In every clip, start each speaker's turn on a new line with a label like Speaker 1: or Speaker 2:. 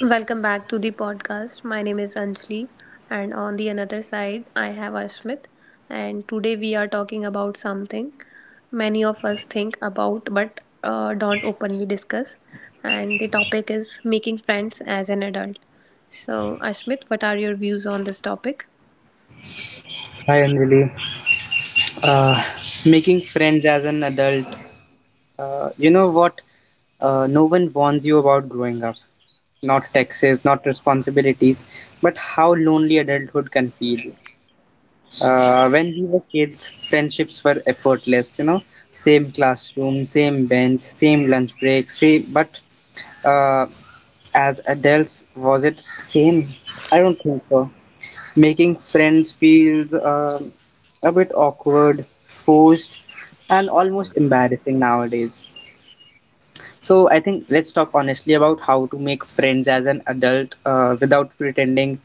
Speaker 1: Welcome back to the podcast. My name is Anjali, and on the another side, I have Ashmit. And today we are talking about something many of us think about but don't openly discuss. And the topic is making friends as an adult. So, Ashmit, what are your views on this topic?
Speaker 2: Hi Anjali. Uh, Making friends as an adult. You know what? No one warns you about growing up. Not taxes, not responsibilities, but how lonely adulthood can feel. When we were kids, friendships were effortless. You know, same classroom, same bench, same lunch break, same. But uh, as adults, was it same? I don't think so. Making friends feels a bit awkward, forced, and almost embarrassing nowadays. So I think let's talk honestly about how to make friends as an adult without pretending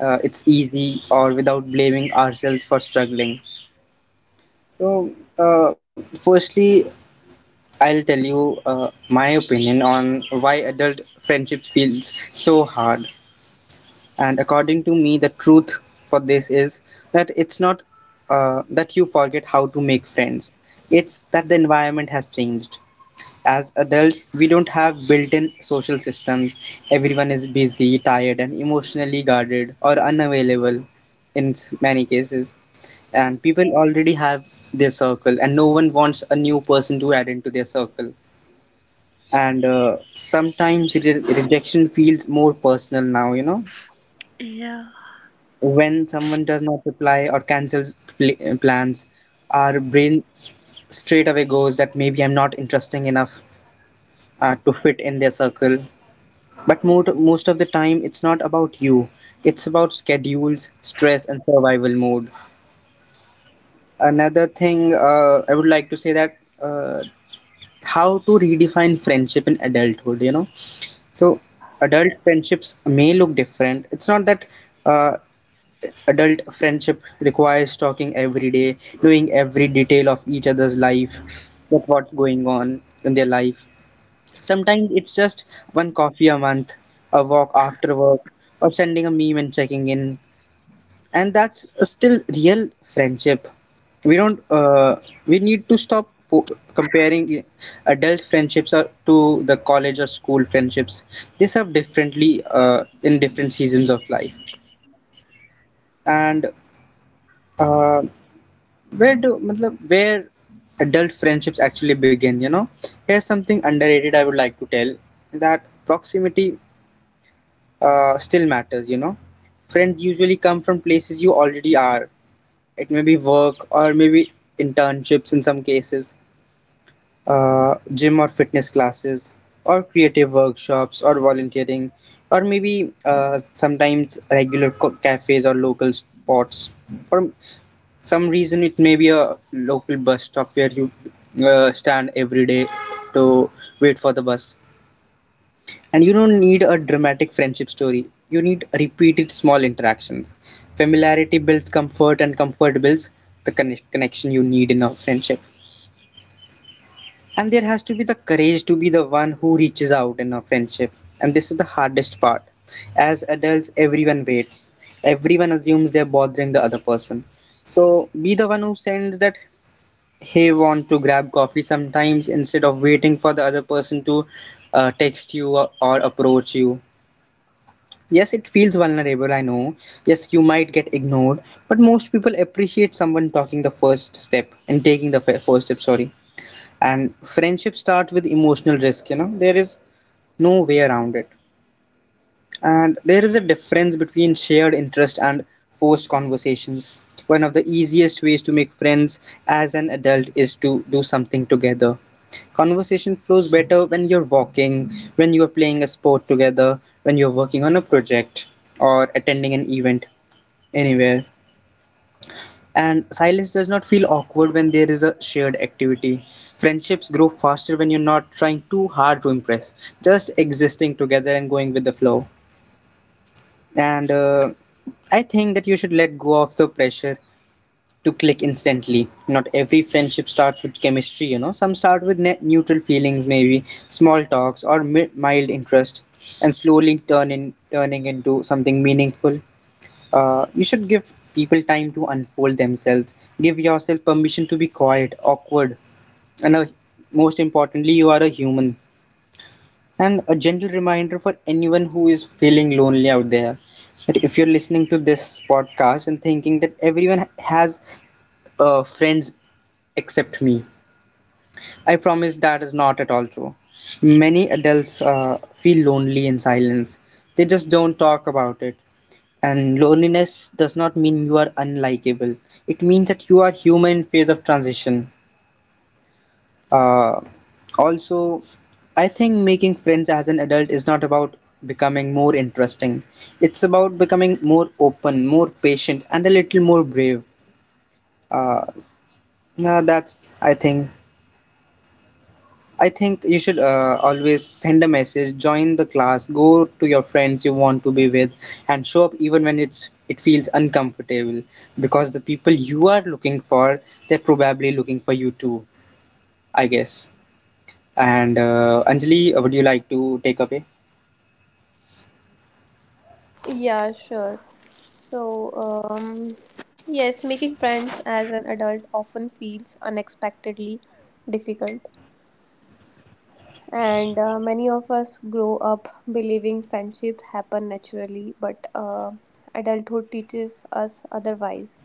Speaker 2: it's easy or without blaming ourselves for struggling. So, firstly, I'll tell you my opinion on why adult friendships feels so hard. And according to me, the truth for this is that it's not that you forget how to make friends, it's that the environment has changed. As adults, we don't have built in social systems. Everyone is busy, tired, and emotionally guarded or unavailable in many cases. And people already have their circle, and no one wants a new person to add into their circle. And sometimes rejection feels more personal now, you know?
Speaker 1: Yeah.
Speaker 2: When someone does not reply or cancels plans, our brain straight away goes that maybe I'm not interesting enough to fit in their circle, but most of the time it's not about you, it's about schedules, stress and survival mode. Another thing I would like to say that how to redefine friendship in adulthood, you know. So adult friendships may look different. It's not that uh, adult friendship requires talking every day, knowing every detail of each other's life, that what's going on in their life. Sometimes it's just one coffee a month, a walk after work, or sending a meme and checking in. And that's still real friendship. We don't, We need to stop comparing adult friendships are to the college or school friendships. They serve differently in different seasons of life. And uh, where do matlab, where adult friendships actually begin, you know? Here's something underrated I would like to tell, that proximity still matters, you know? Friends usually come from places you already are. It may be work or maybe internships in some cases, gym or fitness classes or creative workshops or volunteering, or maybe sometimes regular cafes or local spots. For some reason it may be a local bus stop where you stand every day to wait for the bus. And you don't need a dramatic friendship story, you need repeated small interactions. Familiarity builds comfort, and comfort builds the connection you need in a friendship. And there has to be the courage to be the one who reaches out in a friendship. And this is the hardest part. As adults, everyone waits. Everyone assumes they're bothering the other person. So be the one who sends that, hey, want to grab coffee sometimes, instead of waiting for the other person to text you or approach you. Yes, it feels vulnerable, I know. Yes, you might get ignored, but most people appreciate someone talking the first step and taking the first step, sorry. And friendships start with emotional risk, you know. There is no way around it. And there is a difference between shared interest and forced conversations. One of the easiest ways to make friends as an adult is to do something together. Conversation flows better when you're walking, when you're playing a sport together, when you're working on a project, or attending an event, anywhere. And silence does not feel awkward when there is a shared activity. Friendships grow faster when you're not trying too hard to impress, just existing together and going with the flow. And I think that you should let go of the pressure to click instantly. Not every friendship starts with chemistry, you know. Some start with neutral feelings, maybe small talks or mild interest, and slowly turning into something meaningful. You should give people time to unfold themselves. Give yourself permission to be quiet, awkward, and most importantly, you are a human. And a gentle reminder for anyone who is feeling lonely out there, that if you're listening to this podcast and thinking that everyone has friends except me, I promise that is not at all true. Many adults feel lonely in silence, they just don't talk about it. And loneliness does not mean you are unlikable. It means that you are human in phase of transition. Uh, Also, I think making friends as an adult is not about becoming more interesting. It's about becoming more open, more patient, and a little more brave. Uh, yeah, that's I think you should always send a message, join the class, go to your friends you want to be with, and show up even when it feels uncomfortable, because the people you are looking for, they're probably looking for you too, I guess. And Anjali, would you like to take away?
Speaker 1: Yeah, sure. So, um, yes, making friends as an adult often feels unexpectedly difficult. And many of us grow up believing friendships happen naturally but adulthood teaches us otherwise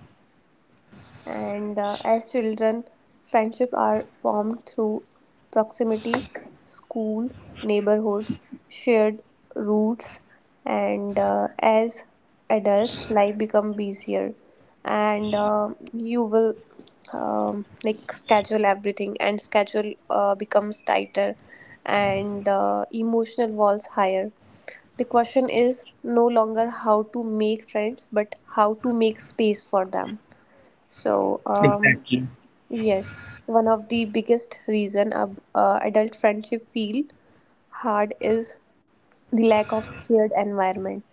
Speaker 1: and as children, friendship are formed through proximity, school, neighborhoods, shared routes, and as adults, life become busier, and you will like schedule everything, and schedule becomes tighter, and emotional walls higher. The question is no longer how to make friends, but how to make space for them. So, um,
Speaker 2: Exactly.
Speaker 1: yes, one of the biggest reason adult friendship feel hard is the lack of shared environment.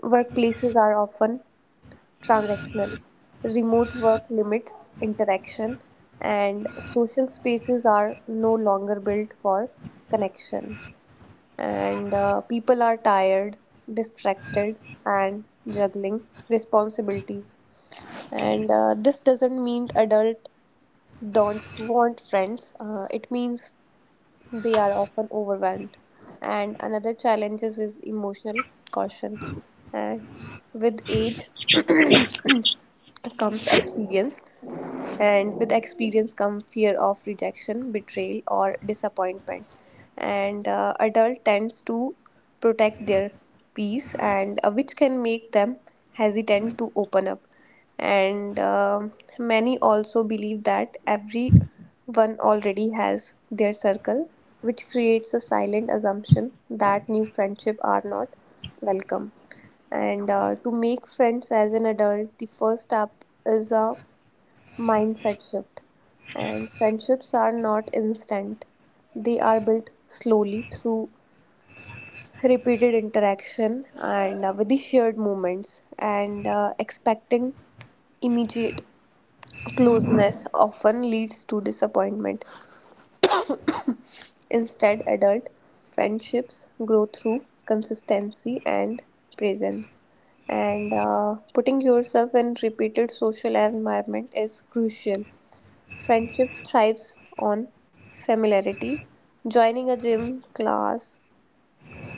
Speaker 1: Workplaces are often transactional. Remote work limit interaction, and social spaces are no longer built for connection. And people are tired, distracted, and juggling responsibilities. And this doesn't mean adult don't want friends. It means they are often overwhelmed. And another challenge is emotional caution. And with age comes experience, and with experience come fear of rejection, betrayal, or disappointment. And adult tends to protect their peace, and which can make them hesitant to open up and many also believe that everyone already has their circle, which creates a silent assumption that new friendships are not welcome. And to make friends as an adult, the first step is a mindset shift. And friendships are not instant; they are built slowly through repeated interaction and with the shared moments. And expecting immediate closeness often leads to disappointment. Instead, adult friendships grow through consistency and presence. And putting yourself in repeated social environment is crucial. Friendship thrives on familiarity. Joining a gym class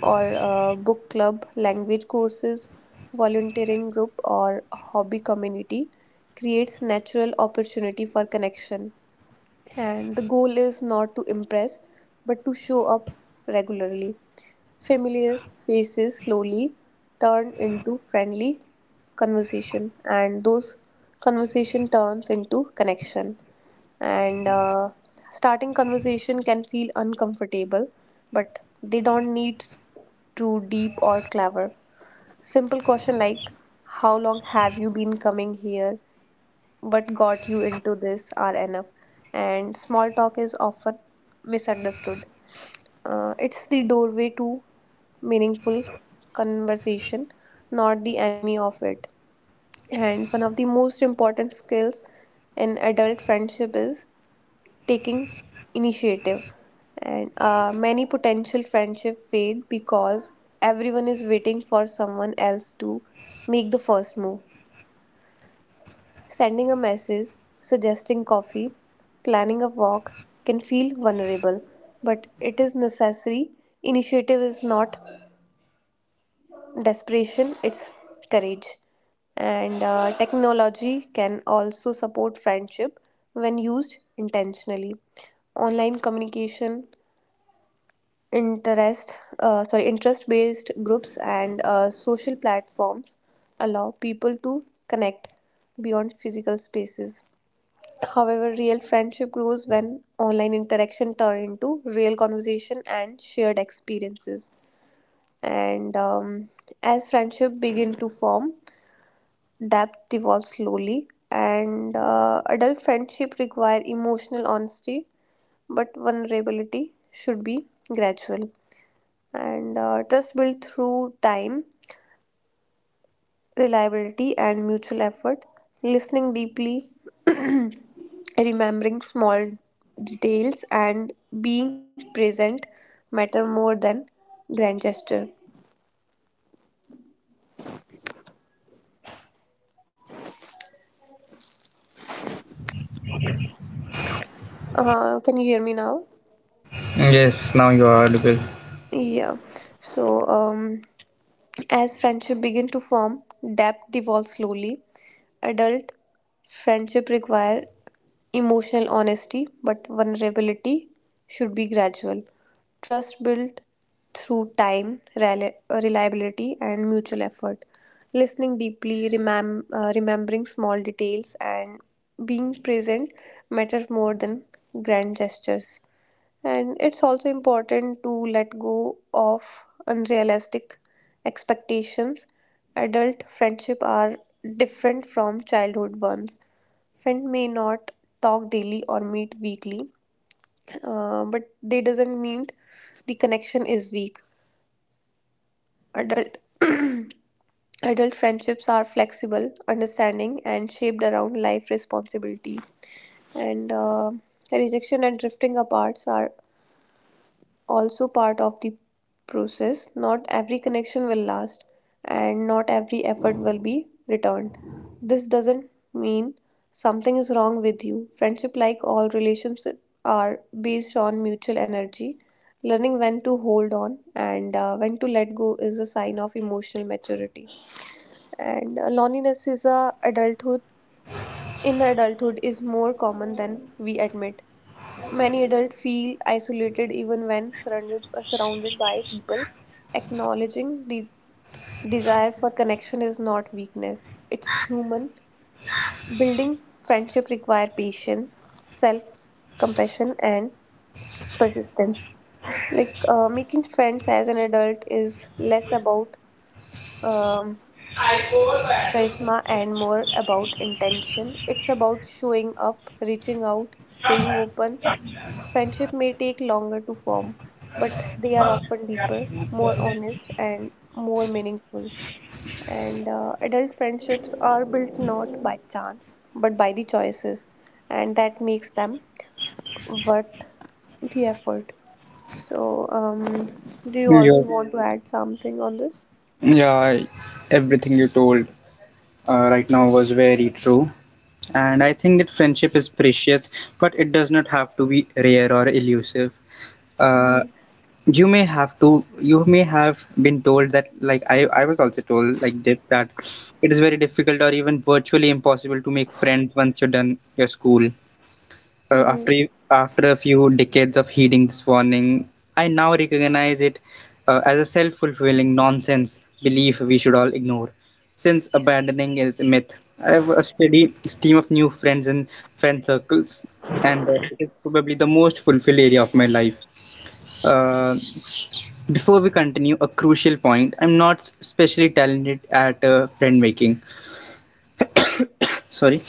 Speaker 1: or book club, language courses, volunteering group, or hobby community creates natural opportunity for connection, and the goal is not to impress but to show up regularly. Familiar faces slowly turn into friendly conversation, and those conversation turns into connection. And starting conversation can feel uncomfortable, but they don't need too deep or clever. Simple question like, "How long have you been coming here?" What got you into this are enough. And small talk is often misunderstood. It's the doorway to meaningful conversation, not the enemy of it. And one of the most important skills in adult friendship is taking initiative. And many potential friendship fade because everyone is waiting for someone else to make the first move. Sending a message, suggesting coffee, planning a walk can feel vulnerable, but it is necessary. Initiative is not desperation, it's courage. And technology can also support friendship when used intentionally. Online communication, interest-based groups and social platforms allow people to connect beyond physical spaces. However, real friendship grows when online interaction turn into real conversation and shared experiences. And as friendship begin to form, depth evolves slowly. And adult friendship require emotional honesty, but vulnerability should be gradual. And trust built through time, reliability, and mutual effort. Listening deeply. Remembering small details and being present matter more than grand gesture. Can you hear me now?
Speaker 2: Yes, now you are audible.
Speaker 1: Yeah. So, um, as friendship begin to form, depth devolves slowly. Adult friendship require emotional honesty, but vulnerability should be gradual. Trust built through time, reliability, and mutual effort. Listening deeply, remembering small details, and being present matter more than grand gestures. And it's also important to let go of unrealistic expectations. Adult friendship are different from childhood ones. Friend may not talk daily or meet weekly, but they doesn't mean the connection is weak. Adult adult friendships are flexible, understanding, and shaped around life responsibility. And rejection and drifting apart are also part of the process. Not every connection will last, and not every effort will be returned. This doesn't mean something is wrong with you. Friendship, like all relationships, are based on mutual energy. Learning when to hold on and when to let go is a sign of emotional maturity. And loneliness is a adulthood in adulthood is more common than we admit. Many adults feel isolated even when surrounded by people. Acknowledging the desire for connection is not weakness, it's human. Building friendship require patience, self compassion, and persistence. Like making friends as an adult is less about um, charisma and more about intention. It's about showing up, reaching out, staying open. Friendship may take longer to form, but they are often deeper, more honest, and more meaningful. And adult friendships are built not by chance, but by the choices, and that makes them worth the effort. So, um, do you
Speaker 2: Yeah,
Speaker 1: also want to add something on this?
Speaker 2: yeah, everything you told right now was very true. And I think that friendship is precious, but it does not have to be rare or elusive.
Speaker 1: Mm-hmm.
Speaker 2: Uh, you may have to, you may have been told that, like I was also told like this, that it is very difficult or even virtually impossible to make friends once you're done your school. Uh,
Speaker 1: Mm-hmm.
Speaker 2: after after a few decades of heeding this warning, I now recognize it as a self-fulfilling nonsense belief we should all ignore. Since abandoning is a myth, I have a steady stream of new friends and friend circles, and it is probably the most fulfilled area of my life. Uh, Before we continue, a crucial point: I'm not especially talented at friend making. Sorry.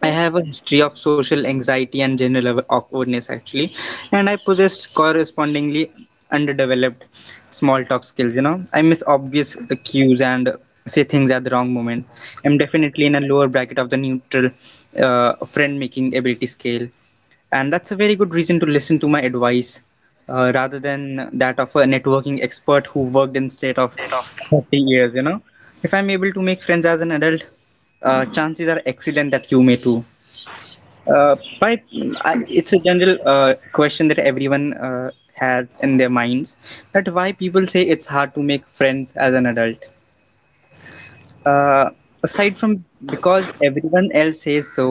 Speaker 2: I have a history of social anxiety and general awkwardness actually, and I possess correspondingly underdeveloped small talk skills. You know, I miss obvious cues and say things at the wrong moment. I'm definitely in a lower bracket of the neutral friend making ability scale, and that's a very good reason to listen to my advice rather than that of a networking expert who worked in state of 30 years. You know, if I'm able to make friends as an adult, chances are excellent that you may too. Pipe, it's a general question that everyone has in their minds, that why people say it's hard to make friends as an adult. Uh, Aside from because everyone else says so,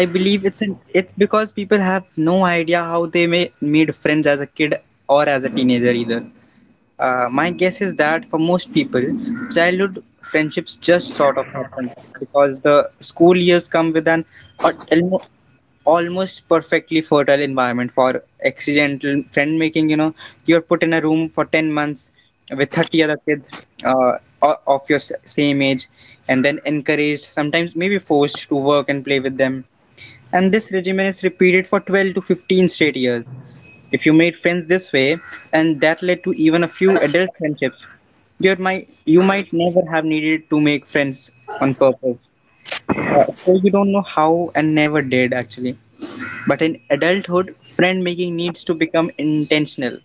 Speaker 2: I believe it's because people have no idea how they may made friends as a kid or as a teenager either. My guess is that for most people, childhood friendships just sort of happen because the school years come with a- almo- almost perfectly fertile environment for accidental friend making. You know, you're put in a room for 10 months with 30 other kids of your same age, and then encouraged, sometimes maybe forced to work and play with them. And this regimen is repeated for 12 to 15 straight years. If you made friends this way, and that led to even a few adult friendships, you might never have needed to make friends on purpose. So you don't know how and never did actually. But in adulthood, friend making needs to become intentional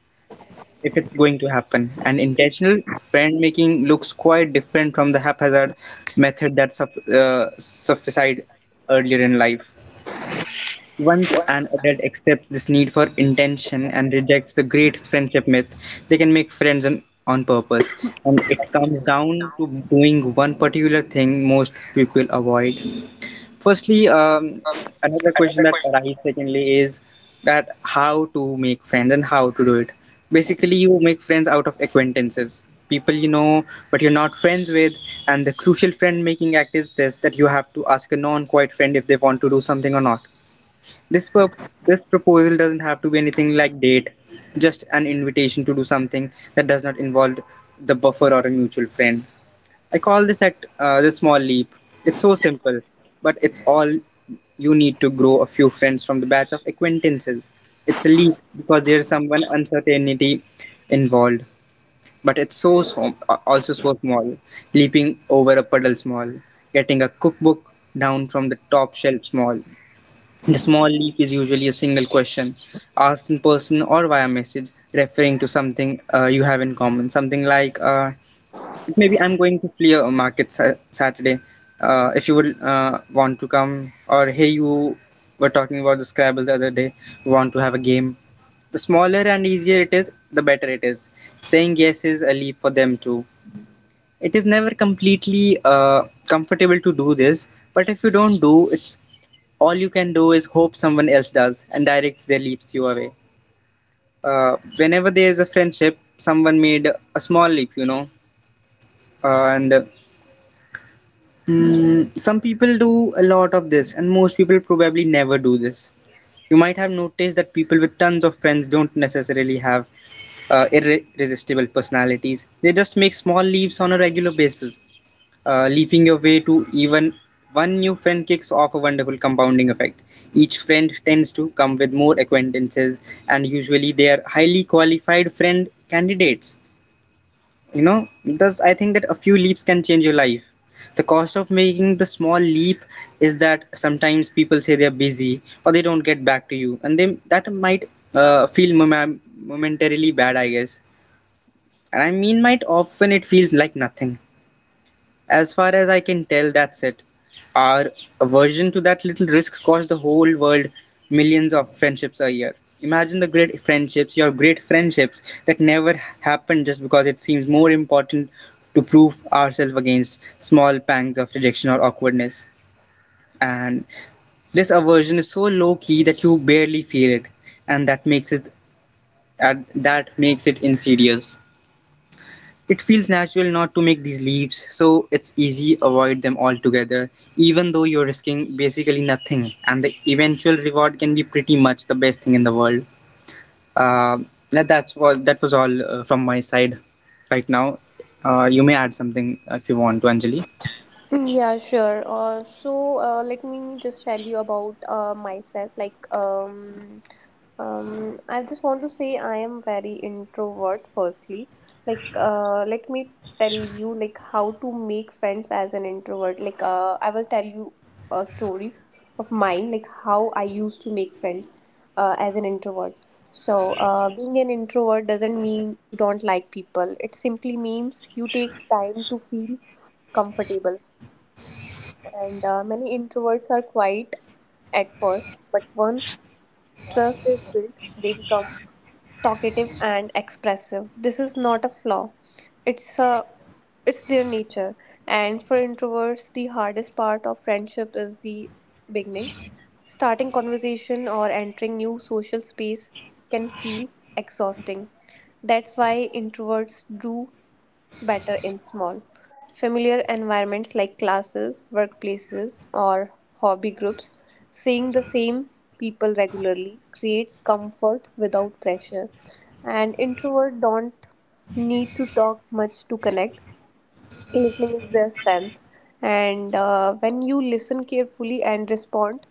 Speaker 2: if it's going to happen. And intentional friend making looks quite different from the haphazard method that sufficed earlier in life. Once an adult accepts this need for intention and rejects the great friendship myth, they can make friends on purpose. And it comes down to doing one particular thing most people avoid. Firstly, another question that arises secondly is that how to make friends and how to do it. Basically, you make friends out of acquaintances, people you know but you're not friends with. And the crucial friend making act is this, that you have to ask a non quiet friend if they want to do something or not. this pur- this proposal doesn't have to be anything like date, just an invitation to do something that does not involve the buffer or a mutual friend. I call this act the small leap. It's so simple, but it's all you need to grow a few friends from the batch of acquaintances. It's a leap because there's someone uncertainty involved, but it's also so small. Leaping over a puddle small, getting a cookbook down from the top shelf small, the small leap is usually a single question asked in person or via message referring to something you have in common. Something like, maybe I'm going to clear a market Saturday. If you would want to come, or hey, you were talking about the Scrabble the other day, want to have a game. The smaller and easier it is, the better it is. Saying yes is a leap for them too. It is never completely comfortable to do this, but if you don't do, it's all you can do is hope someone else does and directs their leaps your way. Whenever there is a friendship, someone made a small leap, uh, and uh, some people do a lot of this, and most people probably never do this. You might have noticed that people with tons of friends don't necessarily have irresistible personalities. They just make small leaps on a regular basis. Leaping your way to even one new friend kicks off a wonderful compounding effect. Each friend tends to come with more acquaintances, and usually they are highly qualified friend candidates. You know, thus, I think that a few leaps can change your life. The cost of making the small leap is that sometimes people say they're busy or they don't get back to you, and that might feel momentarily bad, I guess. And I mean, might often it feels like nothing. As far as I can tell, that's it. Our aversion to that little risk cost the whole world millions of friendships a year. Imagine the great friendships, your great friendships that never happened just because it seems more important to prove ourselves against small pangs of rejection or awkwardness. And this aversion is so low key that you barely feel it, and that makes it insidious. It feels natural not to make these leaps, so it's easy avoid them altogether, even though you're risking basically nothing, and the eventual reward can be pretty much the best thing in the world. Uh, that was all from my side right now. You may add something if you want to, Anjali.
Speaker 1: Mm, yeah, sure. Let me just tell you about myself. I just want to say I am very introvert. Firstly, like, let me tell you like how to make friends as an introvert. Like, I will tell you a story of mine. Like how I used to make friends as an introvert. So, being an introvert doesn't mean you don't like people. It simply means you take time to feel comfortable and many introverts are quiet at first, but once trust is built, they become talkative and expressive. This is not a flaw; it's a it's their nature. And for introverts, the hardest part of friendship is the beginning. Starting conversation or entering new social space can feel exhausting. That's why introverts do better in small, familiar environments like classes, workplaces, or hobby groups. Seeing the same people regularly creates comfort without pressure. And introvert don't need to talk much to connect. Listening is their strength, and when you listen carefully and respond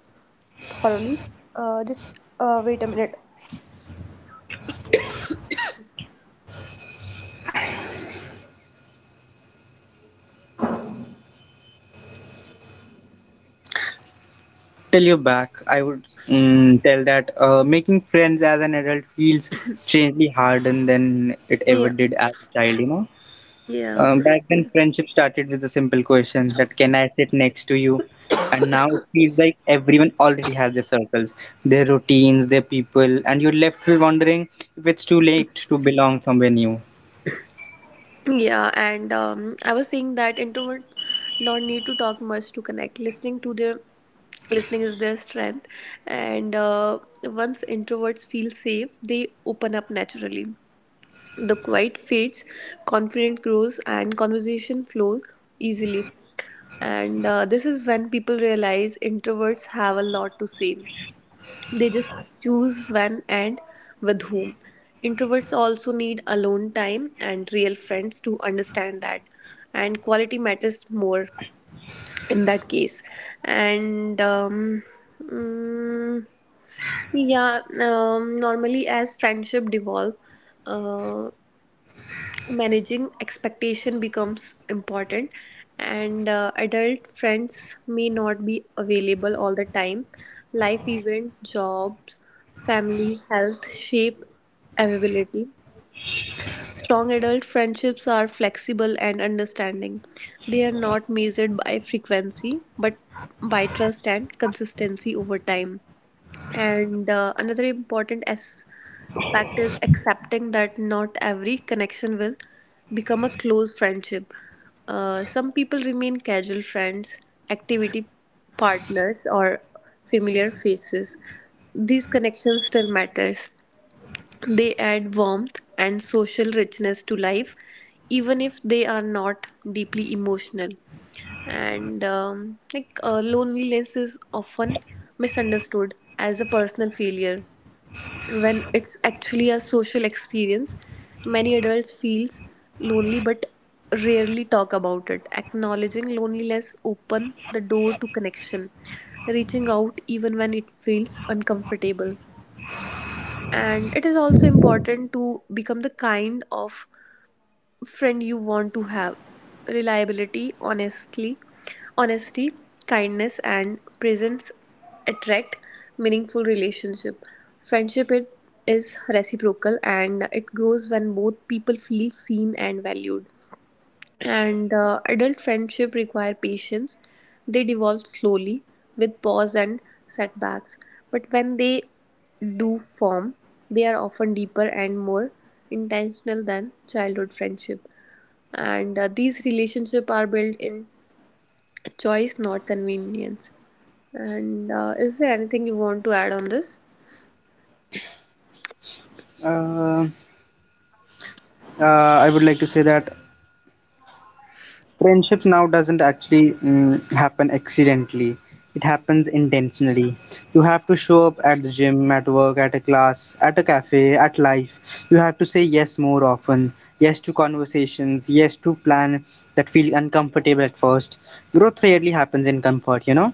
Speaker 1: thoroughly, just wait a minute.
Speaker 2: Tell you back, I would tell that making friends as an adult feels strangely harder than it ever
Speaker 1: Yeah,
Speaker 2: did as a child. You know.
Speaker 1: yeah.
Speaker 2: Back then, friendship started with a simple question that can I sit next to you? And now it feels like everyone already has their circles, their routines, their people, and you're left with wondering if it's too late to belong somewhere new.
Speaker 1: Yeah, and I was saying that introverts don't need to talk much to connect. Listening is their strength, and once introverts feel safe, they open up naturally. The quiet fades, confidence grows, and conversation flows easily. And this is when people realize introverts have a lot to say, they just choose when and with whom. Introverts also need alone time and real friends to understand that, and quality matters more in that case. And mm, yeah, normally as friendship devolve, uh, managing expectation becomes important, and adult friends may not be available all the time. Life event, jobs, family, health shape availability. Strong adult friendships are flexible and understanding. They are not measured by frequency but by trust and consistency over time. And another important aspect is accepting that not every connection will become a close friendship. Some people remain casual friends, activity partners, or familiar faces. These connections still matters. They add warmth and social richness to life, even if they are not deeply emotional. And like loneliness is often misunderstood as a personal failure when it's actually a social experience. Many adults feels lonely but rarely talk about it. Acknowledging loneliness open the door to connection, reaching out even when it feels uncomfortable. And it is also important to become the kind of friend you want to have. Reliability honestly Honesty, kindness, and presence attract meaningful relationship. Friendship it is reciprocal and it grows when both people feel seen and valued. And adult friendship require patience. They devolve slowly with pause and setbacks. But when they do form, they are often deeper and more intentional than childhood friendship. And these relationships are built in choice, not convenience. And is there anything you want to add on this?
Speaker 2: Uh, I would like to say that friendship now doesn't actually happen accidentally. It happens intentionally. You have to show up at the gym, at work, at a class, at a cafe, at life. You have to say yes more often, yes to conversations, yes to plan that feel uncomfortable at first. Growth rarely happens in comfort, you know?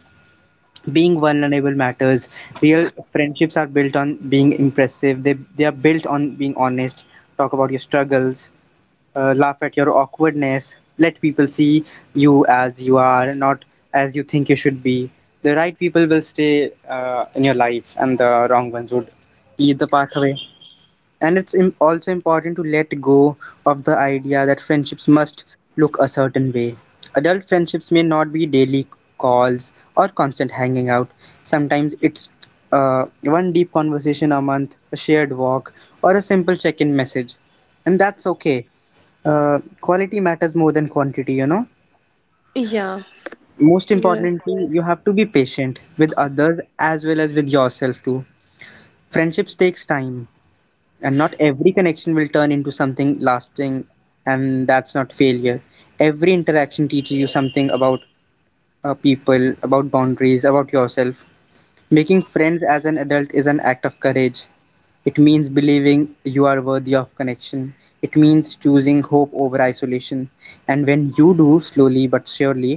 Speaker 2: Being vulnerable matters. Real friendships are built on being impressive. They are built on being honest. Talk about your struggles, laugh at your awkwardness, let people see you as you are, not as you think you should be. The right people will stay in your life and the wrong ones would lead the pathway, and it's also important to let go of the idea that friendships must look a certain way. Adult friendships may not be daily calls or constant hanging out. Sometimes it's one deep conversation a month, a shared walk, or a simple check in message. And that's okay. Quality matters more than quantity, you know.
Speaker 1: Yeah,
Speaker 2: Most importantly, you have to be patient with others as well as with yourself, too. Friendships takes time, and not every connection will turn into something lasting, and that's not failure. Every interaction teaches you something about people, about boundaries, about yourself. Making friends as an adult is an act of courage. It means believing you are worthy of connection. It means choosing hope over isolation, and when you do, slowly but surely,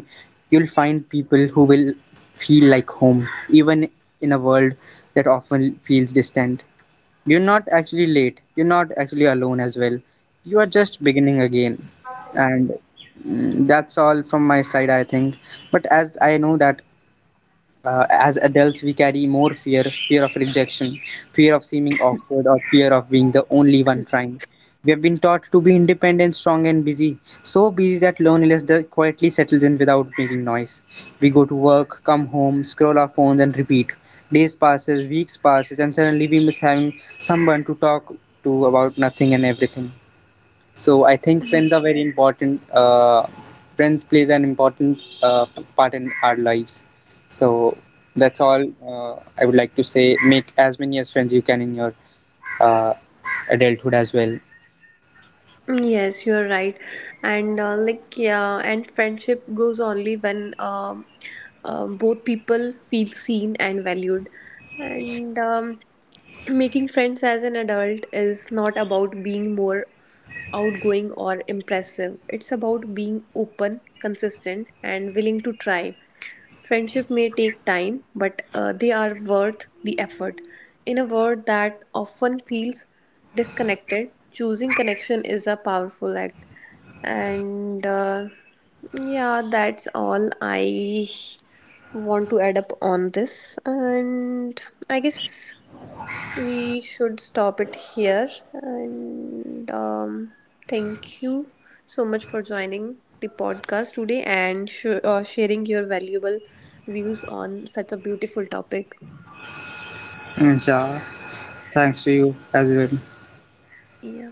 Speaker 2: you'll find people who will feel like home even in a world that often feels distant. You're not actually late. You're not actually alone as well. You are just beginning again. And that's all from my side, I think. But as I know that as adults we carry more fear, fear of rejection, fear of seeming awkward, or fear of being the only one trying. We have been taught to be independent, strong, and busy, so busy that loneliness quietly settles in without making noise. We go to work, come home, scroll our phones, and repeat. Days passes, weeks passes, and suddenly we miss having someone to talk to about nothing and everything. So I think friends are very important. Friends plays an important part in our lives. So that's all I would like to say. Make as many as friends you can in your uh, adulthood as well.
Speaker 1: yes, you're right. And like, yeah, and friendship grows only when both people feel seen and valued. And making friends as an adult is not about being more outgoing or impressive, it's about being open, consistent, and willing to try. Friendship may take time, but they are worth the effort. In a world that often feels disconnected, choosing connection is a powerful act. And yeah, that's all I want to add up on this. And I guess we should stop it here. And thank you so much for joining the podcast today and sharing your valuable views on such a beautiful topic.
Speaker 2: And yeah, thanks to you as well.
Speaker 1: Yeah.